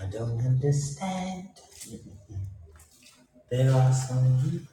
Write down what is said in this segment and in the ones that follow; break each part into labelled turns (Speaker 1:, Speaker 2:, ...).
Speaker 1: I don't understand. There are some people.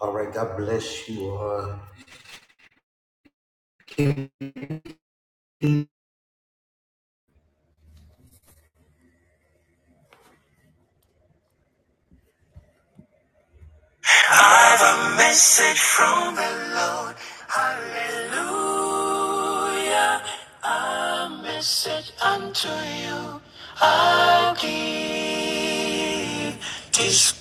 Speaker 1: All right, God bless you all. A message unto you. I give this.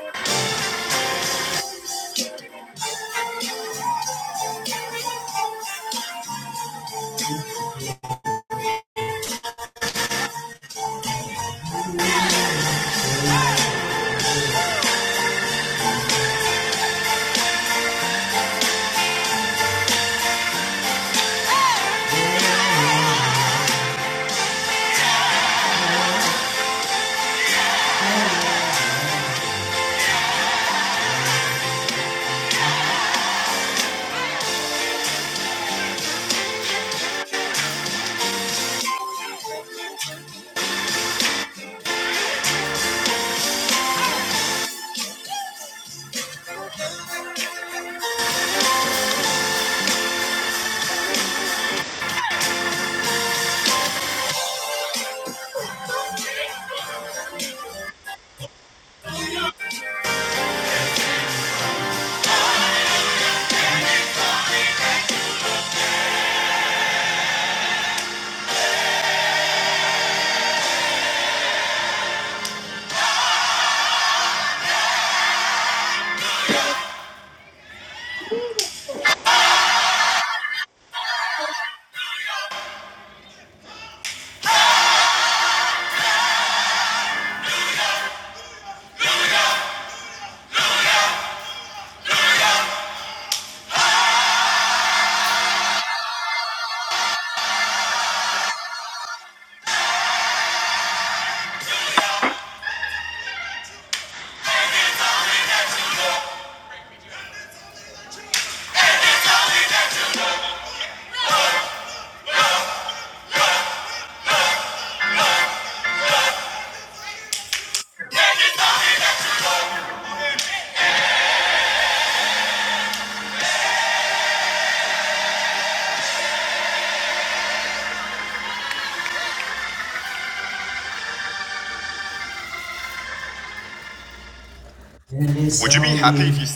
Speaker 1: Would you be happy if you?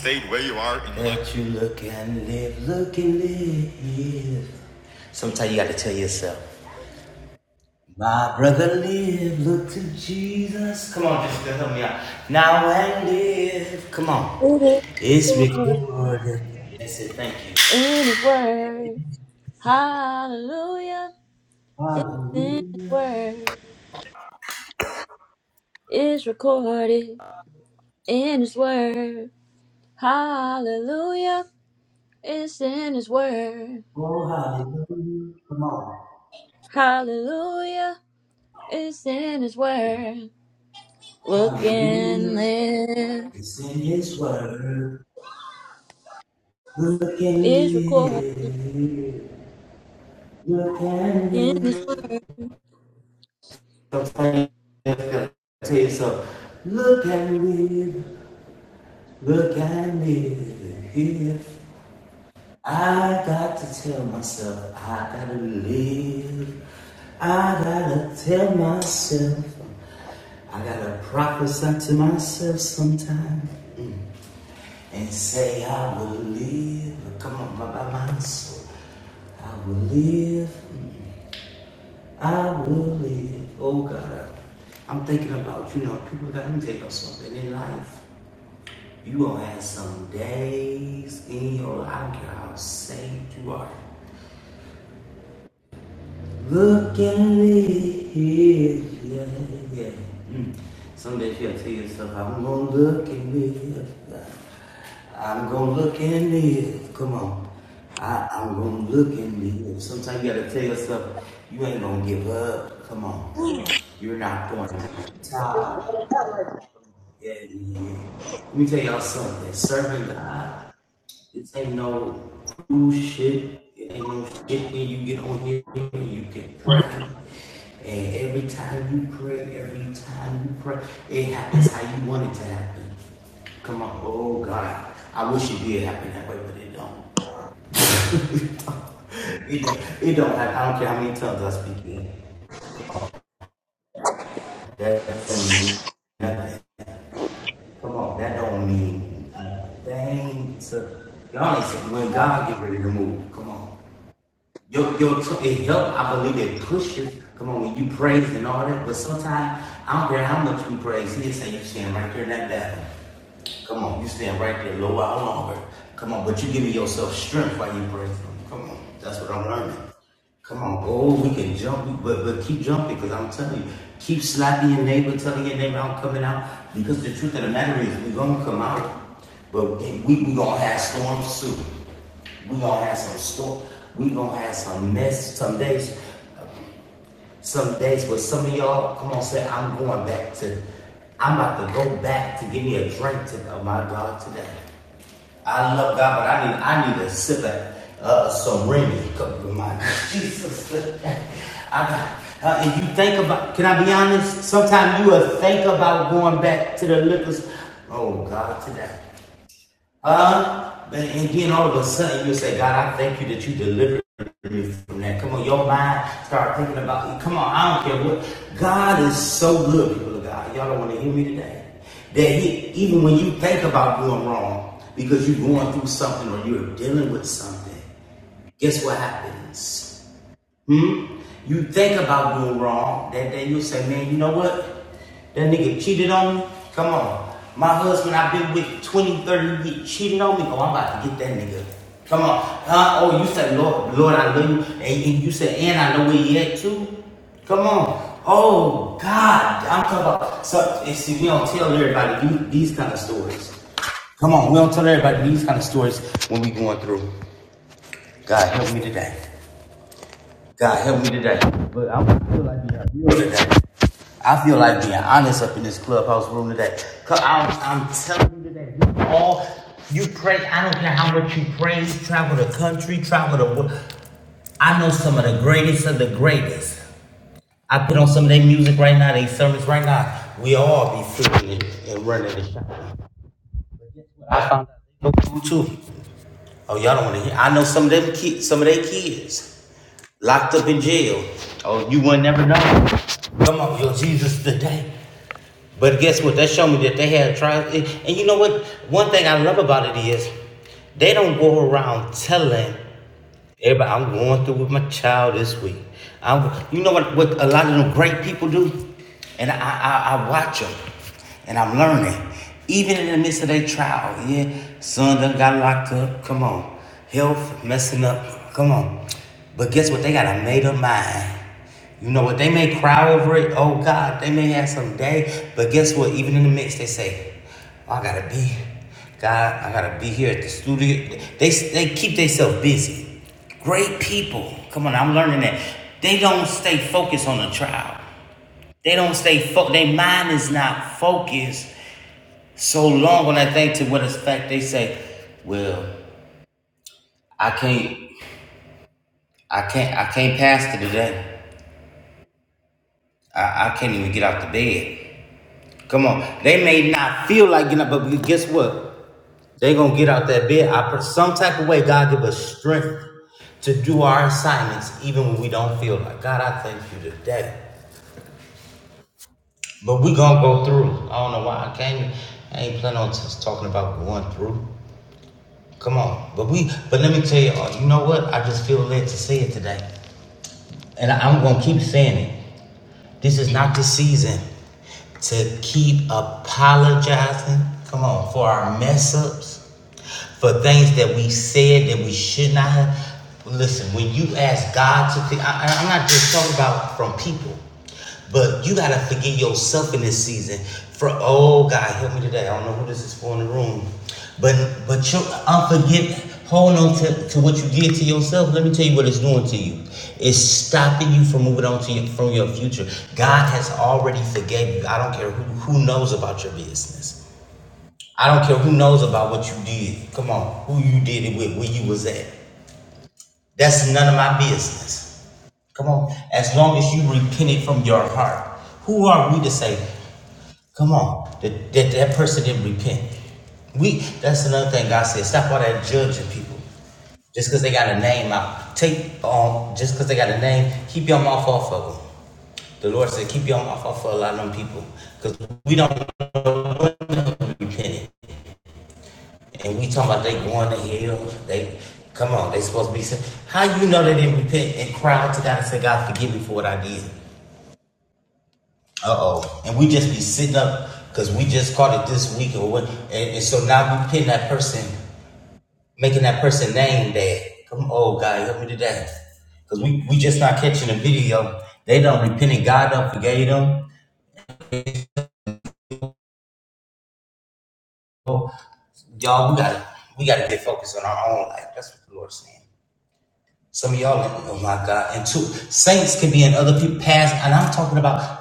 Speaker 1: But you look and live, look and live. Sometimes you got to tell yourself, my brother live, look to Jesus. Come on, just help me out. Now and live. Come on.
Speaker 2: It is the
Speaker 1: It's
Speaker 2: Lord
Speaker 1: recorded. That's it. Thank you.
Speaker 2: in His Word. Hallelujah. It's in His
Speaker 1: Hallelujah.
Speaker 2: Word. It's recorded in His Word. Hallelujah. It's in His Word.
Speaker 1: Oh, hallelujah. Come on.
Speaker 2: Hallelujah. It's in His Word. Look and
Speaker 1: Hallelujah.
Speaker 2: live.
Speaker 1: It's in his word. Look and
Speaker 2: It's recorded
Speaker 1: live. Look and
Speaker 2: in His
Speaker 1: live. I'm saying, I gotta tell you Look and live. Look and live. If I got to tell myself, I gotta live. I gotta tell myself. I gotta prophesy to myself sometime. and say, I will live. Come on, my, my, soul. I will live. I will live. Oh God, I'm thinking about, you know, people got to tell you something in life. You gonna have some days in your life, I don't care how saved you are. Look at me, yeah, yeah, yeah. Mm. Someday she'll tell yourself, I'm gonna look at me. I'm gonna look at me. Come on. I, I'm gonna look at me. Sometimes you gotta tell yourself, you ain't gonna give up. Come on. You're not going to the top. Yeah, yeah. Let me tell y'all something. Serving God. This ain't no cool shit. It ain't no shit when you get on here and you can pray. And every time you pray, every time you pray, it happens how you want it to happen. Come on, oh God. I wish it did happen that way, but it don't. it don't. It don't, it don't happen. I don't care how many tongues I speak in. That don't mean nothing. Come on, that don't mean a thing to y'all ain't saying when God get ready to move. Come on. Your, your t- it helps. I believe it pushes. Come on, when you praise and all that, but sometimes I don't care how much we praise. He say you stand right there in that battle. Come on, you stand right there, Lord, how longer? Come on, but you giving yourself strength while you praise Him. Come on, that's what I'm learning. Come on, oh, we can jump, but but keep jumping, because I'm telling you, keep slapping your neighbor, telling your neighbor I'm coming out, because the truth of the matter is we're gonna come out, but we we gonna have storms soon. We gonna have some storm. We gonna have some mess some days, some days. But some of y'all, come on, say I'm going back to. I'm about to go back to give me a drink to, of my God today. I love God, but I need I need to sip at uh, some Remy. Come My Jesus, I got. Uh, and you think about, can I be honest? Sometimes you will think about going back to the liquor. s- Oh God, today. Uh, and and then all of a sudden you say, God, I thank you that you delivered from that. Come on, your mind start thinking about. Come on, I don't care what. God is so good, people of God. Y'all don't want to hear me today. That he, even when you think about doing wrong because you're going through something or you're dealing with something, guess what happens? Hmm? You think about doing wrong. That day you say, man, you know what? That nigga cheated on me. Come on. My husband I've been with twenty, thirty. 30 years cheated on me. Oh, I'm about to get that nigga. Come on. Huh? Oh, you say, Lord, Lord, I love you. And, and you said, and I know where he at too. Come on. Oh, God. I'm talking about. So, and see, we don't tell everybody you, these kind of stories. Come on. We don't tell everybody these kind of stories when we going through. God, help me today. God help me today. But I feel like being real today. I feel like being honest up in this clubhouse room today. Cause I'm, I'm telling you today, we all you pray. I don't care how much you pray. You travel the country, travel the world. I know some of the greatest of the greatest. I put on some of their music right now, they service right now. We all be feeling it and running the shop. I found out they go through too. Oh, y'all don't want to hear. I know some of them kids, some of their kids locked up in jail. Oh, you would never know. Come on, your Jesus today. But guess what? That showed me that they had trials. and you know what? One thing I love about it is they don't go around telling Everybody, I'm going through with my child this week. I'm, you know what, what a lot of them great people do? And I, I, I watch them and I'm learning. Even in the midst of their trial, yeah, son done got locked up. Come on. Health messing up. Come on. But guess what? They got a made up mind. You know what? They may cry over it. Oh God, they may have some day. But guess what? Even in the midst, they say, oh, I gotta be. God, I gotta be here at the studio. They they keep themselves busy. Great people. Come on, I'm learning that. They don't stay focused on the trial. They don't stay focused. Their mind is not focused so long on that thing to what effect they say, well, I can't, I can't, I can't pastor today. I, I can't even get out the bed. Come on. They may not feel like getting up, but guess what? They're gonna get out that bed. I some type of way God give us strength to do our assignments even when we don't feel like God, I thank you today. But we gonna go through. I don't know why I came. I ain't planning on just talking about going through. Come on. But we but let me tell you, you know what? I just feel led to say it today. And I, I'm gonna keep saying it. This is not the season to keep apologizing. Come on, for our mess ups, for things that we said that we should not have. Listen, when you ask God to, fi- I- I'm not just talking about from people, but you gotta forgive yourself in this season. For oh God, help me today. I don't know who this is for in the room. But but your unforgiveness, hold on to, to what you did to yourself. Let me tell you what it's doing to you. It's stopping you from moving on to your, from your future. God has already forgave you. I don't care who, who knows about your business. I don't care who knows about what you did. Come on, who you did it with, where you was at. That's none of my business. Come on, as long as you repented from your heart. Who are we to say? Come on. That, that, that person didn't repent. We that's another thing God said. Stop all that judging people. Just because they got a name out. Take um just because they got a name, keep your mouth off of them. The Lord said, keep your mouth off for a lot of them people. Because we don't repent. And we talking about they going to hell. They come on, they supposed to be saved. How you know they didn't repent and cry out to God and say, God forgive me for what I did. Uh oh. And we just be sitting up because we just caught it this week or what and, and so now we pin that person making that person name that. Come on, God, help me today. Because we, we just not catching the video. They don't repented. God don't forgave them. Y'all, we gotta we gotta get focused on our own life. That's what the Lord's saying. Some of y'all, like, oh my God. And two, saints can be in other people's past, and I'm talking about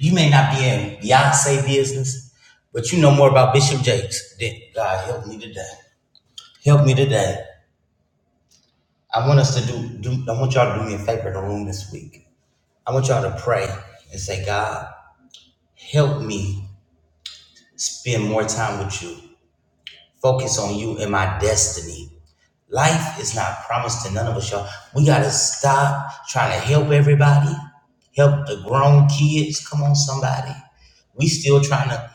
Speaker 1: you may not be in Beyonce business, but you know more about Bishop Jakes. than- God help me today. Help me today. I want us to do, do I want y'all to do me a favor in the room this week I want y'all to pray and say, God, help me spend more time with you. Focus on you and my destiny. Life is not promised to none of us, y'all. We got to stop trying to help everybody, help the grown kids. Come on, somebody. We still trying to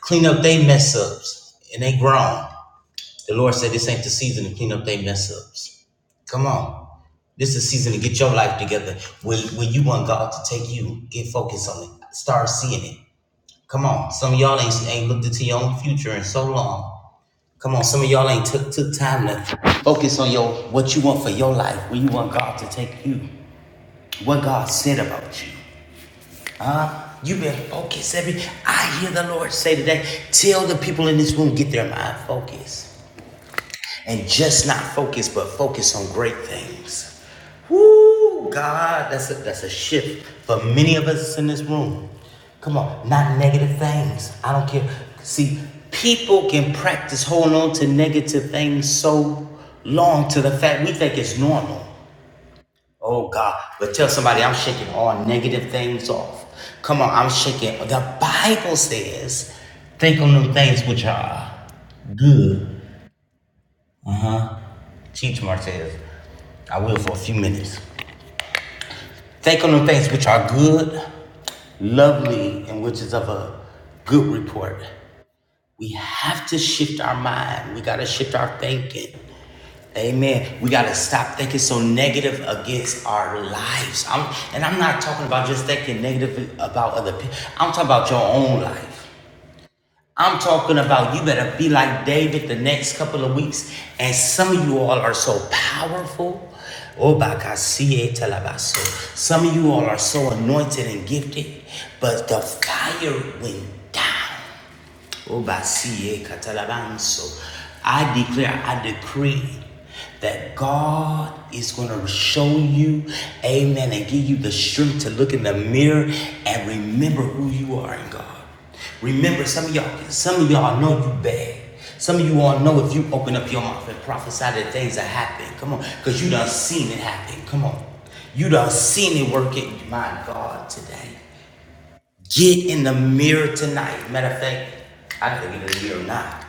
Speaker 1: clean up they mess ups and they grown. The Lord said this ain't the season to clean up they mess ups. Come on. This is the season to get your life together. When, when you want God to take you, get focused on it. Start seeing it. Come on, some of y'all ain't ain't looked into your own future in so long. Come on, some of y'all ain't took took time to focus on your what you want for your life, where you want God to take you, what God said about you. You better focus, every. I hear the Lord say today, tell the people in this room get their mind focused. and just not focus, but focus on great things. Woo, God, that's a, that's a shift for many of us in this room. Come on, not negative things. I don't care. See, people can practice holding on to negative things so long to the fact we think it's normal. Oh God, but tell somebody I'm shaking all negative things off. Come on, I'm shaking. The Bible says, think on them things which are good Teach Martez. I will for a few minutes. Think on them things which are good, lovely, and which is of a good report. We have to shift our mind. We gotta shift our thinking. Amen. We gotta stop thinking so negative against our lives. I'm, and I'm not talking about just thinking negative about other people. I'm talking about your own life. I'm talking about you better be like David the next couple of weeks. And some of you all are so powerful. Oh, Obakasie telabaso. Some of you all are so anointed and gifted, but the fire went down. Obasiye katalabanso. I declare, I decree that God is going to show you, amen, and give you the strength to look in the mirror and remember who you are in God. Remember, some of y'all, some of y'all know you bad. Some of you all know if you open up your mouth and prophesy that things that happen, Come on, because you done seen it happen. Come on. You done seen it working, my God, today. Get in the mirror tonight. Matter of fact, I gotta get in the mirror now.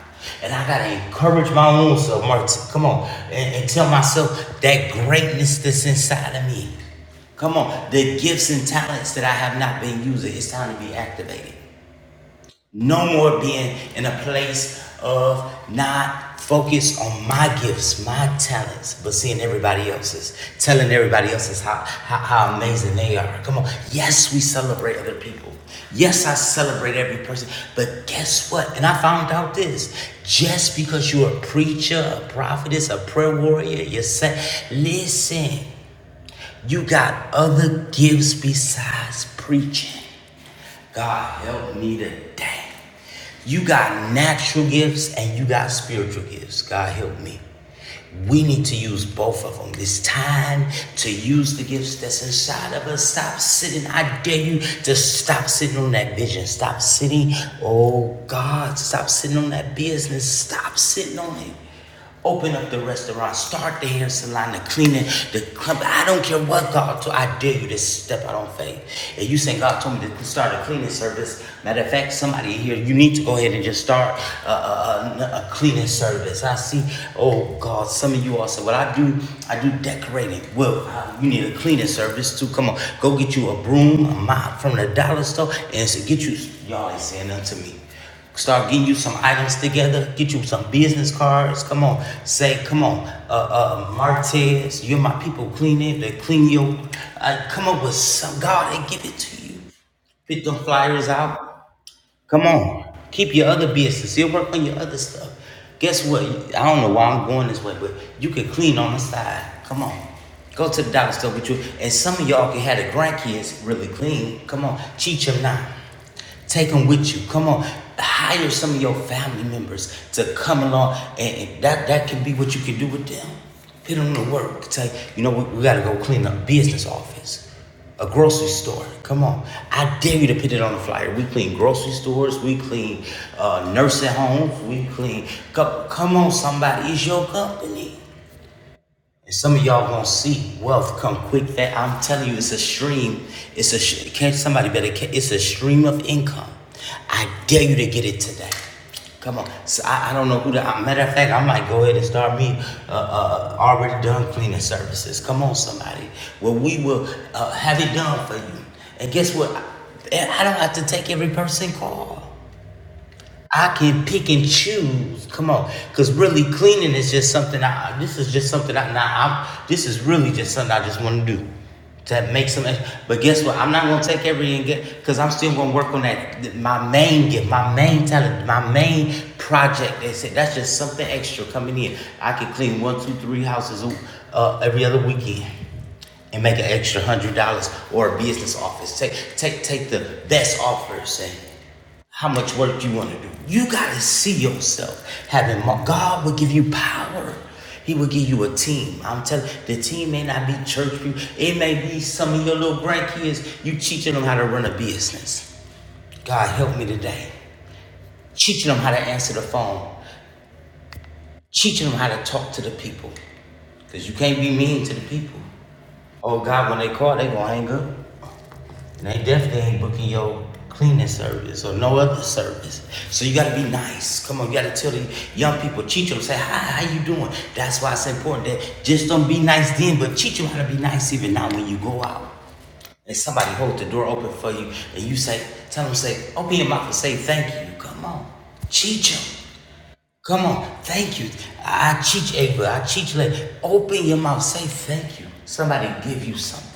Speaker 1: And I gotta encourage my own self, Martin. Come on. And, and tell myself that greatness that's inside of me. Come on. The gifts and talents that I have not been using. It's time to be activated. No more being in a place of not focused on my gifts, my talents, but seeing everybody else's, telling everybody else's how, how, how amazing they are. Come on. Yes, we celebrate other people. Yes, I celebrate every person. But guess what? And I found out this just because you're a preacher, a prophetess, a prayer warrior, you're set. Listen, you got other gifts besides preaching. God help me today. You got natural gifts and you got spiritual gifts. God help me. We need to use both of them. It's time to use the gifts that's inside of us. Stop sitting. I dare you to stop sitting on that vision. Stop sitting. Oh God, stop sitting on that business. Stop sitting on it. Open up the restaurant. Start the hair salon, the cleaning, the club. I don't care what God told. I dare you to step out on faith. And you saying God told me to start a cleaning service, matter of fact, somebody here, you need to go ahead and just start a, a, a- cleaning service. I see. Oh God, some of you all say, "Well, I do. I do decorating." Well, uh, you need a cleaning service too. Come on, go get you a broom, a mop from the dollar store, and so get you. Y'all ain't saying nothing to me. Start getting you some items together. Get you some business cards. Come on, say, come on, uh, uh, Martez, you're my people. Clean it. They clean your. Uh, come up with some. God, they give it to you. Put them flyers out. Come on. Keep your other business. You will work on your other stuff. Guess what? I don't know why I'm going this way, but you can clean on the side. Come on. Go to the dollar store with you. And some of y'all can have the grandkids really clean. Come on. Teach them now. Take them with you. Come on. Hire some of your family members to come along. And, and that, that can be what you can do with them. Put them to work. Tell you, you know, we, we got to go clean up business office a grocery store. Come on. I dare you to put it on the flyer. We clean grocery stores. We clean uh, nursing homes. We clean. Co- come on, somebody. It's your company. And some of y'all gonna see wealth come quick. That I'm telling you, it's a stream. It's a sh- catch somebody better. ca- It's a stream of income. I dare you to get it today. Come on. So I, I don't know who the uh, matter of fact. I might go ahead and start me uh, uh, already done cleaning services. Come on, somebody. Well, we will uh, have it done for you. And guess what? I don't have to take every person call. I can pick and choose. Come on, because really cleaning is just something. I this is just something. I now I'm. This is really just something I just want to do to make some. ex- But guess what? I'm not gonna take every and get because I'm still gonna work on that. My main get my main talent, my main project. They said that's just something extra coming in. I can clean one, two, three houses uh, every other weekend and make an extra hundred dollars or a business office. Take take take the best offers and how much work do you want to do? You got to see yourself having more. God will give you power. He will give you a team. I'm telling you, the team may not be church people. It may be some of your little grandkids. You teaching them how to run a business. God help me today. Teaching them how to answer the phone. Teaching them how to talk to the people. Because you can't be mean to the people. Oh God, when they call, they gonna hang up. And they definitely ain't booking your cleaning service or no other service. So you gotta be nice. Come on, you gotta tell the young people, teach them, say, hi, how you doing? That's why it's important that just don't be nice then, but teach them how to be nice even now when you go out. And somebody hold the door open for you and you say, tell them, say, open your mouth and say thank you. Come on, teach them. Come on, thank you. I teach Ava, I teach let Open your mouth, say thank you. Somebody give you something.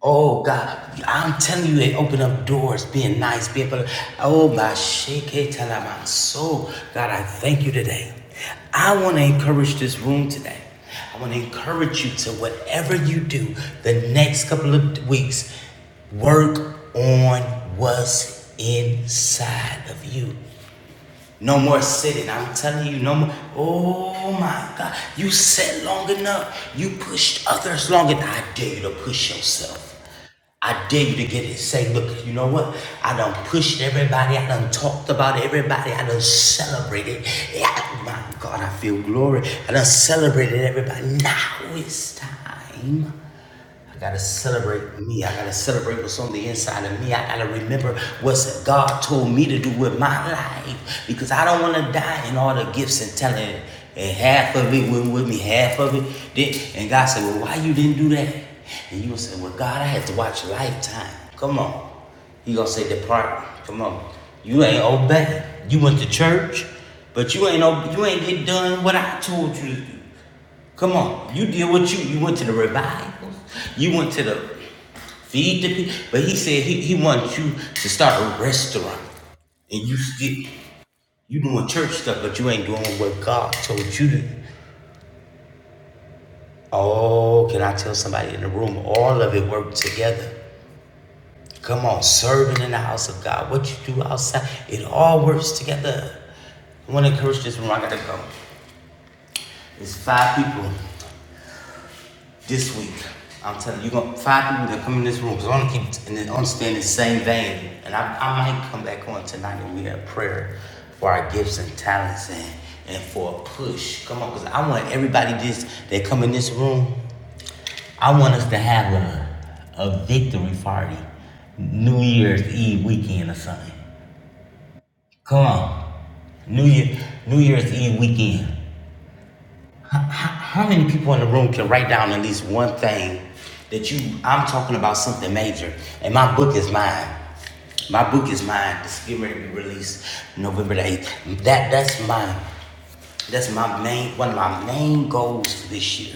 Speaker 1: Oh God, I'm telling you, they open up doors, being nice, being but oh Basheke Talaman. So God, I thank you today. I want to encourage this room today. I want to encourage you to whatever you do the next couple of weeks, work on what's inside of you. No more sitting. I'm telling you, no more. Oh my God. You sat long enough. You pushed others long enough. I dare you to push yourself. I dare you to get it. Say, look, you know what? I done pushed everybody. I done talked about everybody. I done celebrated. Yeah, my God, I feel glory. I done celebrated everybody. Now it's time I gotta celebrate me. I gotta celebrate what's on the inside of me. I gotta remember what God told me to do with my life because I don't want to die in all the gifts and talent and half of it went with me, half of it did. And God said, "Well, why you didn't do that?" And you will say, "Well, God, I had to watch Lifetime. Come on." He gonna say, "Depart. Come on. You ain't obey. You went to church, but you ain't ob- you ain't get done what I told you to do." Come on, you did what you you went to the revivals, you went to the feed the people, but he said he, he wants you to start a restaurant, and you still you doing church stuff, but you ain't doing what God told you to. Oh, can I tell somebody in the room? All of it worked together. Come on, serving in the house of God, what you do outside, it all works together. I want to encourage this room. I gotta go. It's five people. This week, I'm telling you, you gonna five people that come in this room because I'm gonna keep and I'm staying in the same vein. And I, I might come back on tonight and we have prayer for our gifts and talents and and for a push. Come on, because I want everybody this that come in this room. I want us to have a a victory party, New Year's Eve weekend or something. Come on, New Year New Year's Eve weekend. How many people in the room can write down at least one thing that you, I'm talking about something major, and my book is mine. My book is mine. It's getting ready to be released November the 8th. That, that's mine. That's my main, one of my main goals for this year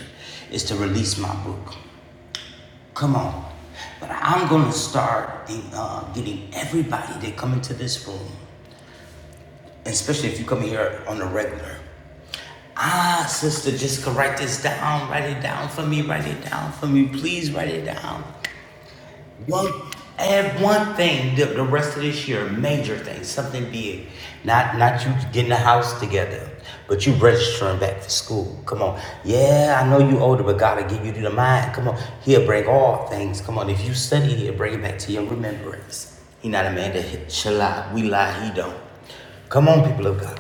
Speaker 1: is to release my book. Come on. But I'm going to start in, uh, getting everybody that come into this room, especially if you come here on a regular, Ah, sister, just write this down. Write it down for me. Write it down for me. Please write it down. One add one thing the, the rest of this year, a major thing, something big. Not not you getting the house together, but you registering back for school. Come on. Yeah, I know you older, but God will give you the mind. Come on. He'll bring all things. Come on. If you study, he'll bring it back to your remembrance. He not a man that shall lie. We lie, he don't. Come on, people of God.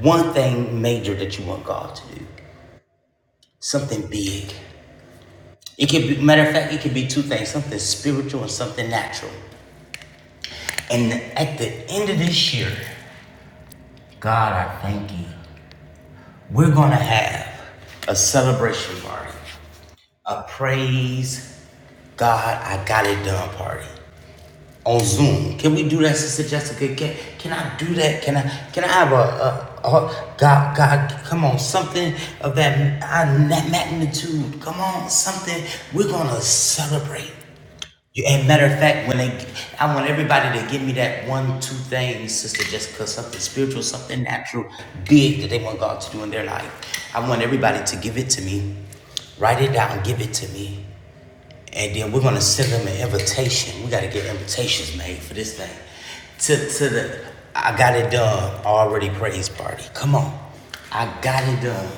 Speaker 1: One thing major that you want God to do. Something big. It could be matter of fact, it could be two things, something spiritual and something natural. And at the end of this year, God, I thank you. We're going to have a celebration party, a praise God, I got it done party on Zoom. Can we do that, Sister Jessica? Can, can I do that? Can I can I have a, a, a God God? Come on, something of that, uh, that magnitude. Come on, something. We're gonna celebrate. You, and matter of fact, when they, I want everybody to give me that one, two things, Sister Jessica, something spiritual, something natural, big that they want God to do in their life. I want everybody to give it to me, write it down, give it to me, and then we're gonna send them an invitation. We gotta get invitations made for this thing. To to the, I got it done already. Praise party. Come on, I got it done.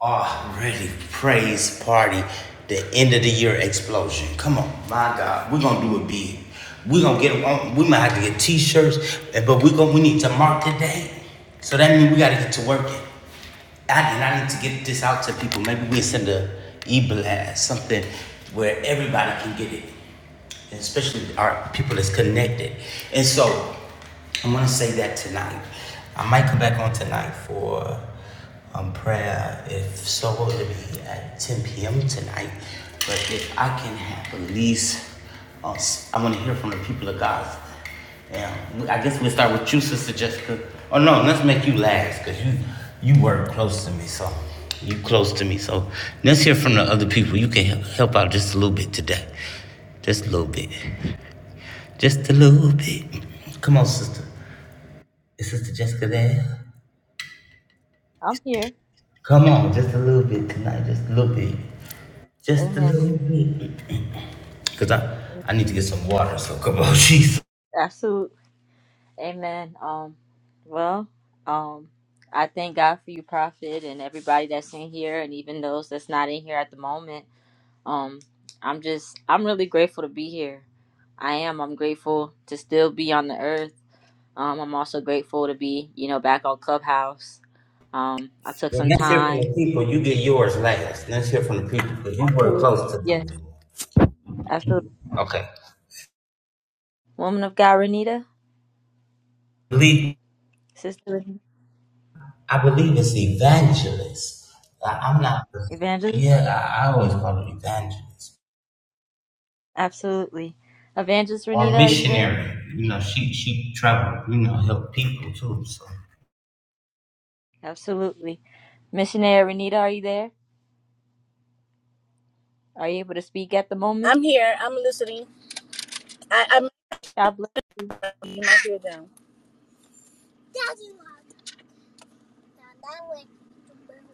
Speaker 1: Already praise party, the end of the year explosion. Come on, my God, we're gonna do it big. We're gonna get on. We might have to get T-shirts, eh, but we going to we need to mark the day. So that means we gotta get to working. I, and I need to get this out to people. Maybe we send a e-blast, something where everybody can get it, and especially our people that's connected. And so I want to say that tonight. I might come back on tonight for um, prayer if so it would be at 10 p.m. tonight. But if I can have at least, uh, s- I want to hear from the people of God. Yeah, I guess we'll start with you, Sister Jessica. Oh no, let's make you last because you you work close to me, so you close to me. So let's hear from the other people. You can help out just a little bit today, just a little bit, just a little bit. Come on, sister. Is Sister Jessica there?
Speaker 2: I'm here.
Speaker 1: Come on, just a little bit tonight, just a little bit. Just a
Speaker 2: Amen.
Speaker 1: little bit. Because I, I need to get some water. So come on, Jesus.
Speaker 2: Absolutely. Amen. Um, well, um, I thank God for you, Prophet, and everybody that's in here, and even those that's not in here at the moment. Um, I'm just, I'm really grateful to be here. I am. I'm grateful to still be on the earth. Um, I'm also grateful to be, you know, back on Clubhouse. Um, I took
Speaker 1: Well,
Speaker 2: some
Speaker 1: let's hear from the
Speaker 2: time.
Speaker 1: people. You get yours last. Let's hear from the people because you were
Speaker 2: Absolutely.
Speaker 1: close to
Speaker 2: Yes.
Speaker 1: them.
Speaker 2: Absolutely.
Speaker 1: Okay.
Speaker 2: Woman of God, Renita,
Speaker 1: Believe,
Speaker 2: Sister Renita,
Speaker 1: I believe it's evangelist. I- I'm not.
Speaker 2: Evangelist.
Speaker 1: Yeah, I, I always call it evangelist
Speaker 2: Absolutely. Evangelist
Speaker 1: or
Speaker 2: Renita, are you there?
Speaker 1: missionary. You know, she she traveled. You know, help people too. So
Speaker 2: Absolutely. Missionary Renita, are you there? Are you able to speak at the moment?
Speaker 3: I'm here. I'm listening. I, I'm.
Speaker 2: God bless you.
Speaker 3: You hear them.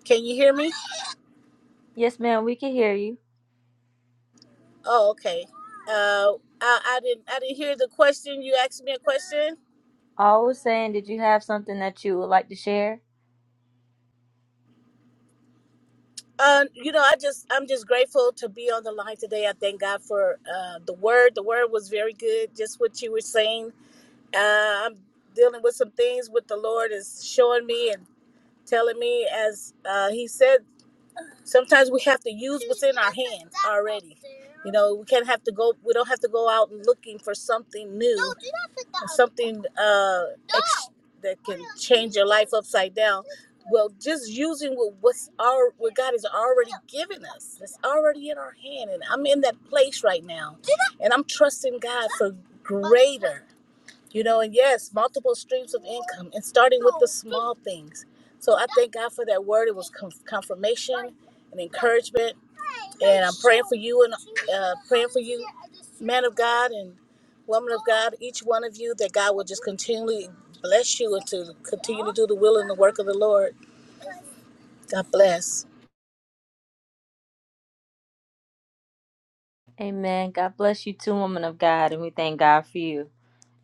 Speaker 3: Can you hear me?
Speaker 2: Yes, ma'am, we can hear you.
Speaker 3: Oh, okay. Uh, I, I didn't. I didn't hear the question. You asked me a question.
Speaker 2: I was saying, did you have something that you would like to share?
Speaker 3: Uh, you know, I just. I'm just grateful to be on the line today. I thank God for uh, the word. The word was very good. Just what you were saying. Uh, I'm dealing with some things with the Lord is showing me and telling me as uh, He says. Sometimes we have to use what's in our hand already. You know, we can't have to go. We don't have to go out looking for something new, something uh, ex- that can change your life upside down. Well, just using what what's our what God has already given us. It's already in our hand, and I'm in that place right now, and I'm trusting God for greater you know, and yes, multiple streams of income and starting with the small things. So I thank God for that word. It was con- confirmation and encouragement. And I'm praying for you and uh, praying for you, man of God and woman of God, each one of you, that God will just continually bless you and to continue to do the will and the work of the Lord. God bless.
Speaker 2: Amen. God bless you too, woman of God, and we thank God for you.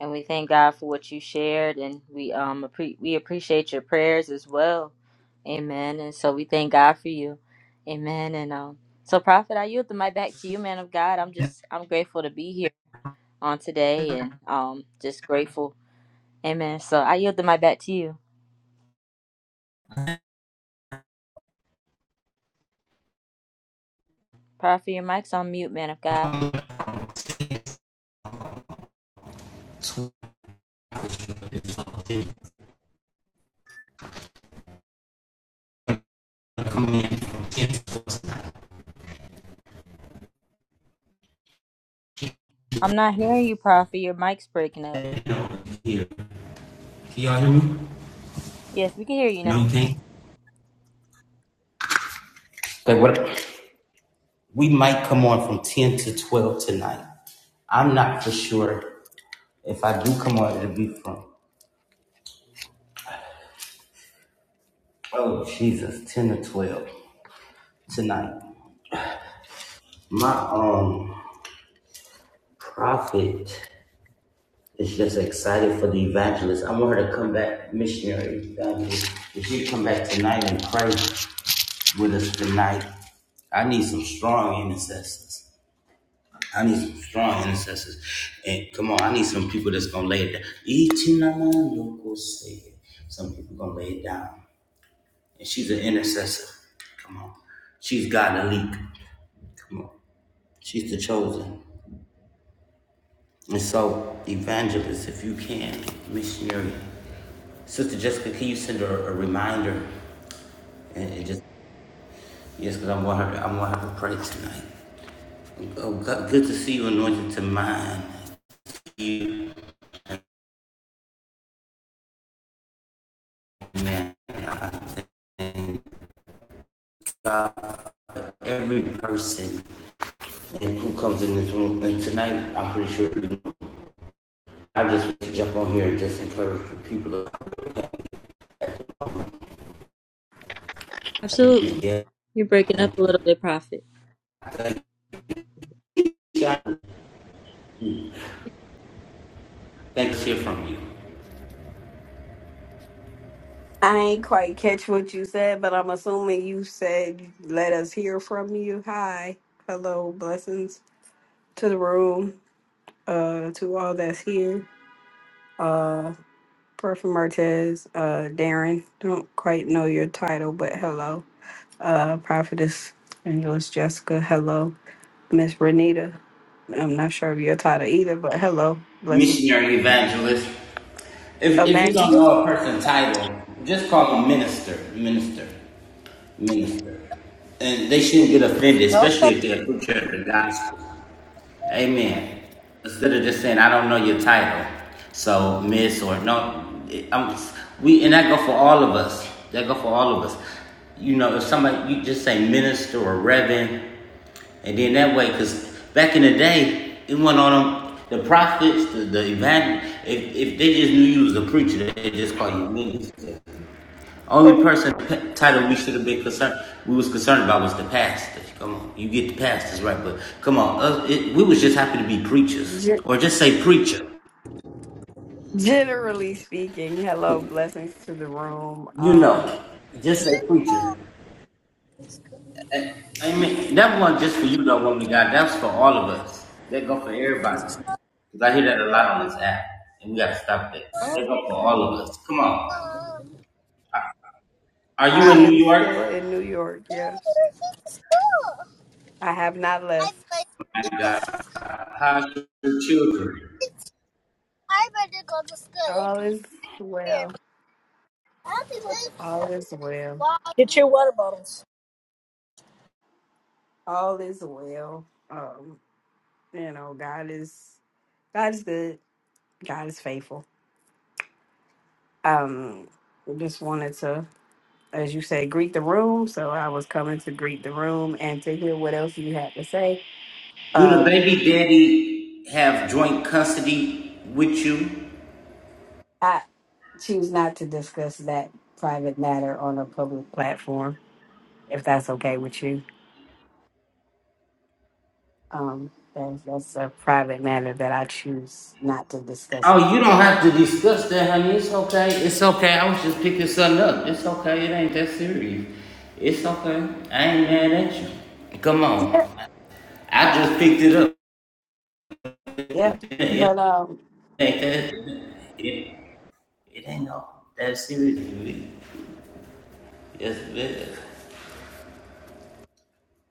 Speaker 2: And we thank God for what you shared, and we um appre- we appreciate your prayers as well. Amen. And so we thank God for you. Amen. And um, so prophet, I yield the mic back to you, man of God. I'm just I'm grateful to be here on today, and um, just grateful Amen. So I yielded my back to you. Prophet, your mic's on mute, man of God.
Speaker 1: coming in from
Speaker 2: I'm not hearing you, Prophet. Your mic's breaking up.
Speaker 1: here. Can y'all hear me?
Speaker 2: Yes, we can hear you
Speaker 1: No,
Speaker 2: now.
Speaker 1: you can't. Okay, what? We might come on from 10 to 12 tonight. I'm not for sure. If I do come on, it'll be from, oh, Jesus, 10 to 12 tonight. My um prophet is just excited for the evangelist. I want her to come back, missionary evangelist. If she come back tonight and pray with us tonight, I need some strong intercessors. I need some strong intercessors. And come on, I need some people that's gonna lay it down. Ichinaman yoko say. Some people gonna lay it down. And she's an intercessor. Come on. She's got a leak. Come on. She's the chosen. And so, evangelist, if you can, missionary. Sister Jessica, can you send her a reminder? And, and just yes, because I want her. To, I want her to pray tonight. Oh, God, good to see you, anointed to mine. You. man, I thank God, every person and who comes in this room. And tonight, I'm pretty sure I just want to jump on here and just encourage the people. to Thank you.
Speaker 2: Absolutely.
Speaker 1: Yeah,
Speaker 2: You're breaking up a
Speaker 1: thank you.
Speaker 2: little bit, Prophet.
Speaker 1: Thank you. Thanks to hear from you.
Speaker 4: I ain't quite catch what you said, but I'm assuming you said let us hear from you. Hi, hello, blessings to the room, uh, to all that's here. Uh, Prophet Martez, uh, Darren, don't quite know your title, but hello. Uh, Prophetess Angelus Jessica, hello. Miss Renita, I'm not sure of your title either, but hello, blessings.
Speaker 1: Missionary evangelist. If, if you don't
Speaker 4: Evangelist.
Speaker 1: know a person's title, just call them minister, minister, minister. And they shouldn't get offended, especially if they're a preacher of the gospel. Amen. Instead of just saying, I don't know your title, so miss or no, I'm, we and that go for all of us. That go for all of us. You know, if somebody you just say minister or reverend, and then that way, because back in the day, it went on them, the prophets, the, the evangel. If, if they just knew you was a preacher, they just call you minister. Only person title we should have been concerned, we was concerned about was the pastors. Come on, you get the pastors right, but come on, us, it, we was just happy to be preachers,
Speaker 4: Gen-
Speaker 1: or just say preacher.
Speaker 4: generally speaking, hello, blessings to the room.
Speaker 1: You
Speaker 4: Um,
Speaker 1: know, just say preacher. Amen. That one just for you, though, woman of God. That's for all of us. That go for everybody. Cause I hear that a lot on this app, and we gotta stop that. But that go
Speaker 4: Oh,
Speaker 1: for
Speaker 4: okay.
Speaker 1: all of us. Come on. Are you
Speaker 4: I
Speaker 1: in New
Speaker 4: am still
Speaker 1: York?
Speaker 4: in New York, yes. I have not left.
Speaker 1: My God, how's your children?
Speaker 3: I better go to school and
Speaker 4: All
Speaker 3: be
Speaker 4: is
Speaker 3: here.
Speaker 4: well.
Speaker 3: I have to go
Speaker 4: All is well.
Speaker 3: walk. Get your water bottles.
Speaker 4: All is well. Um, you know, God is God is good. God is faithful. Um, I just wanted to, as you say, greet the room. So I was coming to greet the room and to hear what else you had to say.
Speaker 1: Do the
Speaker 4: Uh,
Speaker 1: baby daddy have joint custody with you?
Speaker 4: I choose not to discuss that private matter on a public platform, if that's okay with you. Um, that, that's a private matter that I choose not to discuss. It.
Speaker 1: Oh, you don't have to discuss that, honey. It's okay. It's okay. I was just picking something up. It's okay. It ain't that serious. It's okay. I ain't mad at you. Come on.
Speaker 4: Yep,
Speaker 1: I just picked it up.
Speaker 4: yep. But um,
Speaker 1: It ain't that. It ain't no that serious. to me. Yes, it is.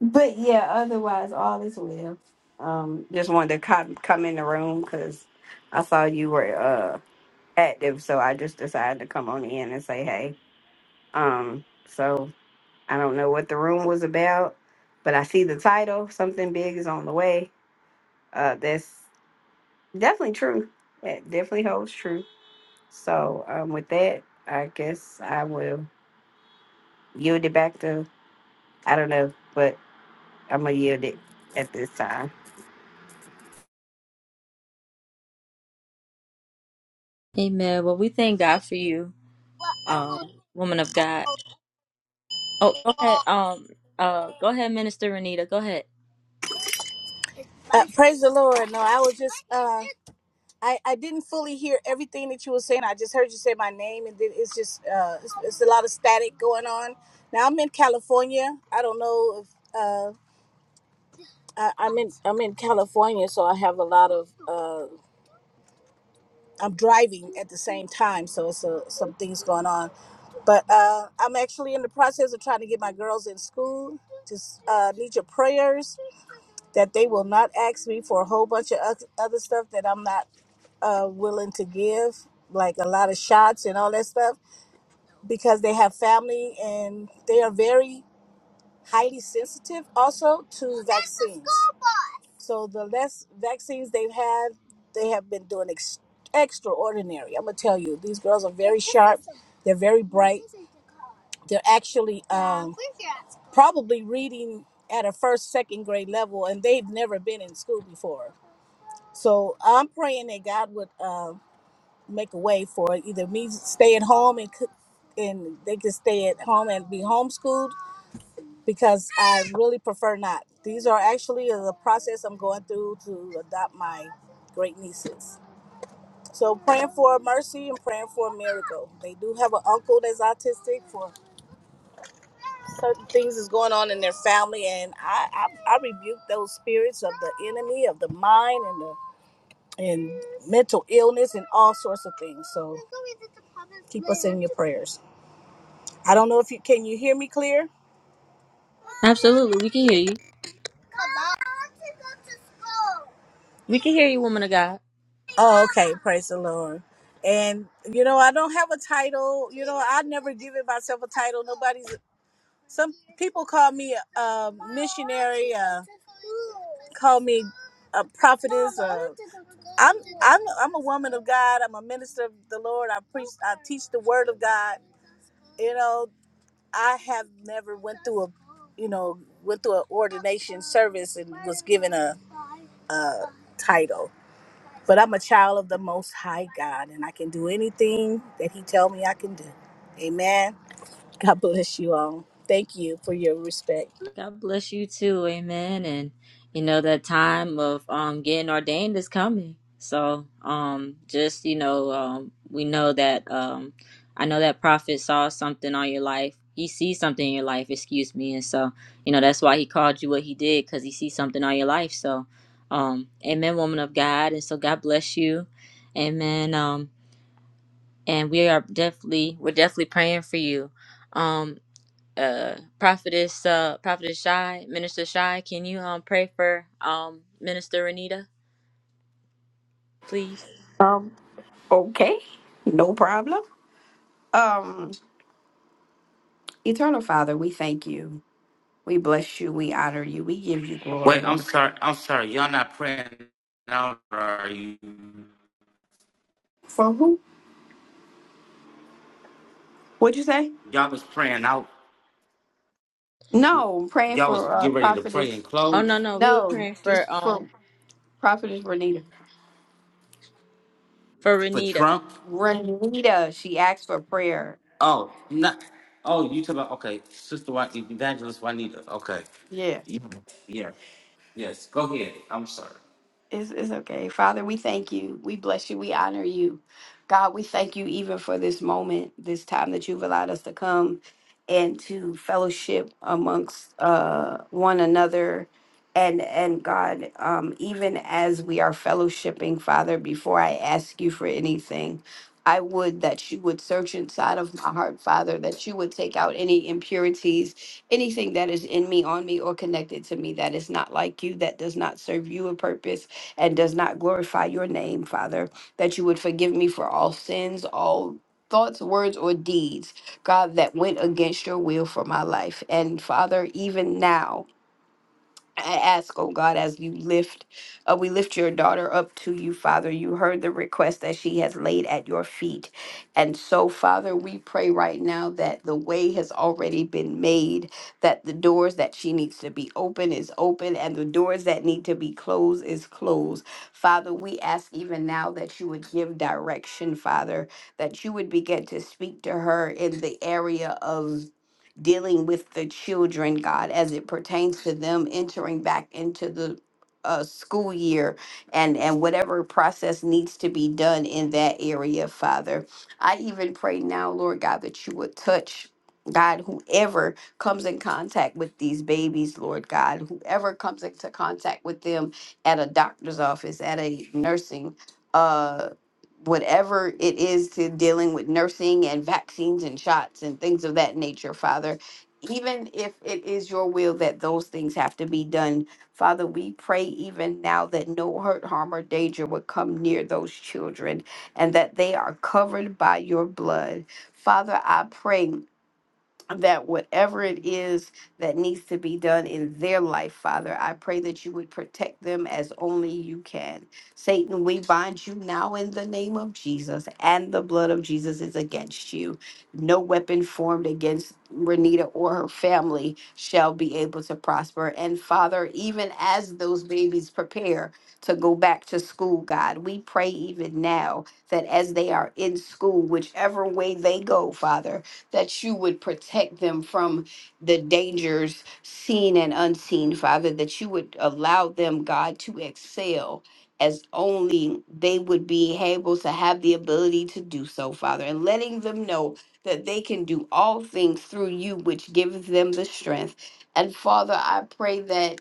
Speaker 4: but yeah. Otherwise, all is well. Um, just wanted to come come in the room because I saw you were uh active, so I just decided to come on in and say hey. Um, so I don't know what the room was about, but I see the title. Something big is on the way. Uh, that's definitely true. That definitely holds true. So um, with that, I guess I will yield it back to, I don't know, but I'm going to yield it at this time.
Speaker 2: Amen. Well, we thank God for you,
Speaker 3: Well, I'm
Speaker 2: um,
Speaker 3: going.
Speaker 2: woman of God. Oh, go
Speaker 3: to
Speaker 2: ahead.
Speaker 3: walk.
Speaker 2: Um, uh, go ahead, Minister Renita. Go ahead.
Speaker 3: Uh, praise the Lord. No, I was just uh, I I didn't fully hear everything that you were saying. I just heard you say my name, and then it's just uh, it's, it's a lot of static going on. Now I'm in California. I don't know if uh, I, I'm in I'm in California, so I have a lot of uh, I'm driving at the same time, so it's a, some things going on. But uh, I'm actually in the process of trying to get my girls in school. Just uh, need your prayers that they will not ask me for a whole bunch of oth- other stuff that I'm not uh, willing to give, like a lot of shots and all that stuff, because they have family and they are very highly sensitive also to vaccines. So the less vaccines they've had, they have been doing ex- extraordinary. I'm gonna tell you, these girls are very sharp. They're very bright. They're actually um, probably reading at a first, second grade level, and they've never been in school before. So I'm praying that God would uh, make a way for either me stay at home and cook, and they can stay at home and be homeschooled, because I really prefer not. These are actually uh, the process I'm going through to adopt my great nieces. So praying for mercy and praying for a miracle. They do have an uncle that's autistic for certain things that's going on in their family, and I I, I rebuke those spirits of the enemy of the mind and the and mental illness and all sorts of things. So keep us in your prayers. I don't know if you can you hear me clear.
Speaker 2: Absolutely. We can hear you. We can hear you, woman of God.
Speaker 3: Oh, okay. Praise the Lord. And you know, I don't have a title. You know, I never give it myself a title. Nobody's. Some people call me a, a missionary. Uh, call me a prophetess. Uh, I'm I'm I'm a woman of God. I'm a minister of the Lord. I preach. I teach the Word of God. You know, I have never went through a, you know, went through an ordination service and was given a, a title. But I'm a child of the Most High God, and I can do anything that He tell me I can do. Amen. God bless you all. Thank you for your respect.
Speaker 2: God bless you too. Amen. And you know that time of um getting ordained is coming. So um just you know um we know that um I know that prophet saw something on your life. He sees something in your life, excuse me. And so, you know, that's why he called you what he did cuz he sees something on your life. So, um amen woman of God. And so God bless you. Amen. Um and we are definitely we're definitely praying for you. um uh prophetess uh prophetess shy minister shy can you um pray for um minister renita please
Speaker 4: Um, okay, no problem. Um, Eternal Father, we thank you. We bless you. We honor you. We give you
Speaker 1: Wait,
Speaker 4: glory.
Speaker 1: I'm sorry. I'm sorry. Y'all not praying out, or are you?
Speaker 4: For who? What'd you say?
Speaker 1: Y'all was praying out.
Speaker 4: No, I'm praying
Speaker 1: Y'all was
Speaker 4: for uh,
Speaker 1: getting ready to
Speaker 4: Prophetess.
Speaker 1: pray and
Speaker 2: oh
Speaker 1: close
Speaker 2: no no we were
Speaker 4: No,
Speaker 2: praying for
Speaker 4: just for
Speaker 2: um
Speaker 4: Prophetess Renita.
Speaker 2: for
Speaker 1: for
Speaker 2: renita
Speaker 1: Trump.
Speaker 4: Renita, she asked for prayer.
Speaker 1: Oh, not. Oh, you talk about okay, Sister White Evangelita. Okay,
Speaker 4: Yeah.
Speaker 1: yeah, yeah.
Speaker 4: It's, it's okay. Father, we thank you. We bless you. We honor you. God, we thank you even for this moment, this time that you've allowed us to come and to fellowship amongst uh, one another. And, and God, um, even as we are fellowshipping, Father, before I ask you for anything, I would that you would search inside of my heart, Father, that you would take out any impurities, anything that is in me, on me, or connected to me that is not like you, that does not serve you a purpose and does not glorify your name, Father, that you would forgive me for all sins, all thoughts, words, or deeds, God, that went against your will for my life. And Father, even now, I ask, oh God, as you lift, uh, we lift your daughter up to you, Father. You heard the request that she has laid at your feet. And so, Father, we pray right now that the way has already been made, that the doors that she needs to be open is open, and the doors that need to be closed is closed. Father, we ask even now that you would give direction, Father, that you would begin to speak to her in the area of dealing with the children, God, as it pertains to them entering back into the uh, school year and and whatever process needs to be done in that area, Father. I even pray now, Lord God, that you would touch. God, whoever comes in contact with these babies, Lord God, whoever comes into contact with them at a doctor's office, at a nursing uh whatever it is to dealing with nursing and vaccines and shots and things of that nature, Father. Even if it is your will that those things have to be done, Father, we pray even now that no hurt, harm, or danger would come near those children and that they are covered by your blood. Father, I pray that whatever it is that needs to be done in their life, Father, I pray that you would protect them as only you can. Satan, we bind you now in the name of Jesus, and the blood of Jesus is against you. No weapon formed against Renita or her family shall be able to prosper. And Father, even as those babies prepare to go back to school, God, we pray even now that as they are in school, whichever way they go, Father, that you would protect them from the dangers seen and unseen, Father, that you would allow them, God, to excel as only they would be able to have the ability to do so, Father, and letting them know that they can do all things through you, which gives them the strength. And Father, I pray that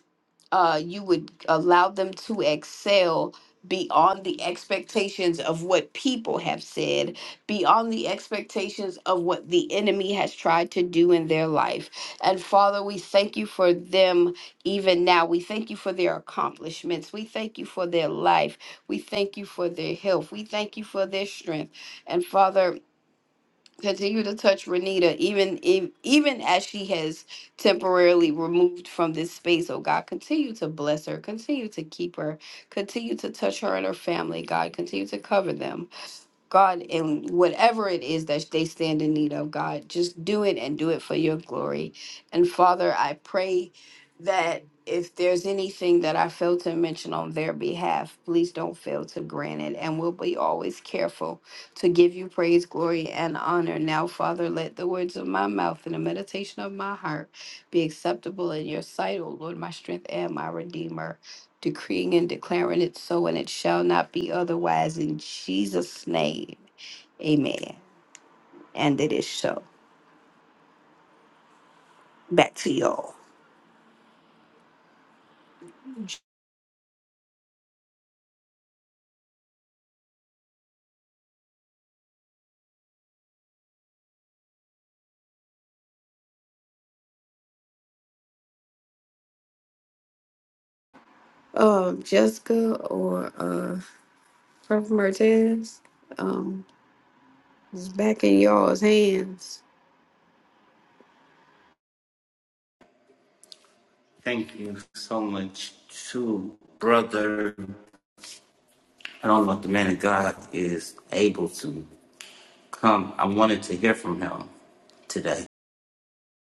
Speaker 4: uh, you would allow them to excel beyond the expectations of what people have said beyond the expectations of what the enemy has tried to do in their life. And Father, we thank you for them even now. We thank you for their accomplishments. We thank you for their life. We thank you for their health. We thank you for their strength. And Father, continue to touch Renita even if, even as she has temporarily removed from this space. Oh God, continue to bless her. Continue to keep her. Continue to touch her and her family, God. Continue to cover them. God, and whatever it is that they stand in need of, God, just do it and do it for your glory. And Father, I pray that if there's anything that I fail to mention on their behalf, please don't fail to grant it. And we'll be always careful to give you praise, glory, and honor. Now, Father, let the words of my mouth and the meditation of my heart be acceptable in your sight, O Lord, my strength and my redeemer decreeing and declaring it so, and it shall not be otherwise in Jesus' name. Amen. And it is so. Back to y'all. Um, Jessica or uh Prophet Martez, um, is back in y'all's hands.
Speaker 1: Thank you so much too, brother. I don't know if the man of God is able to come. I wanted to hear from him today.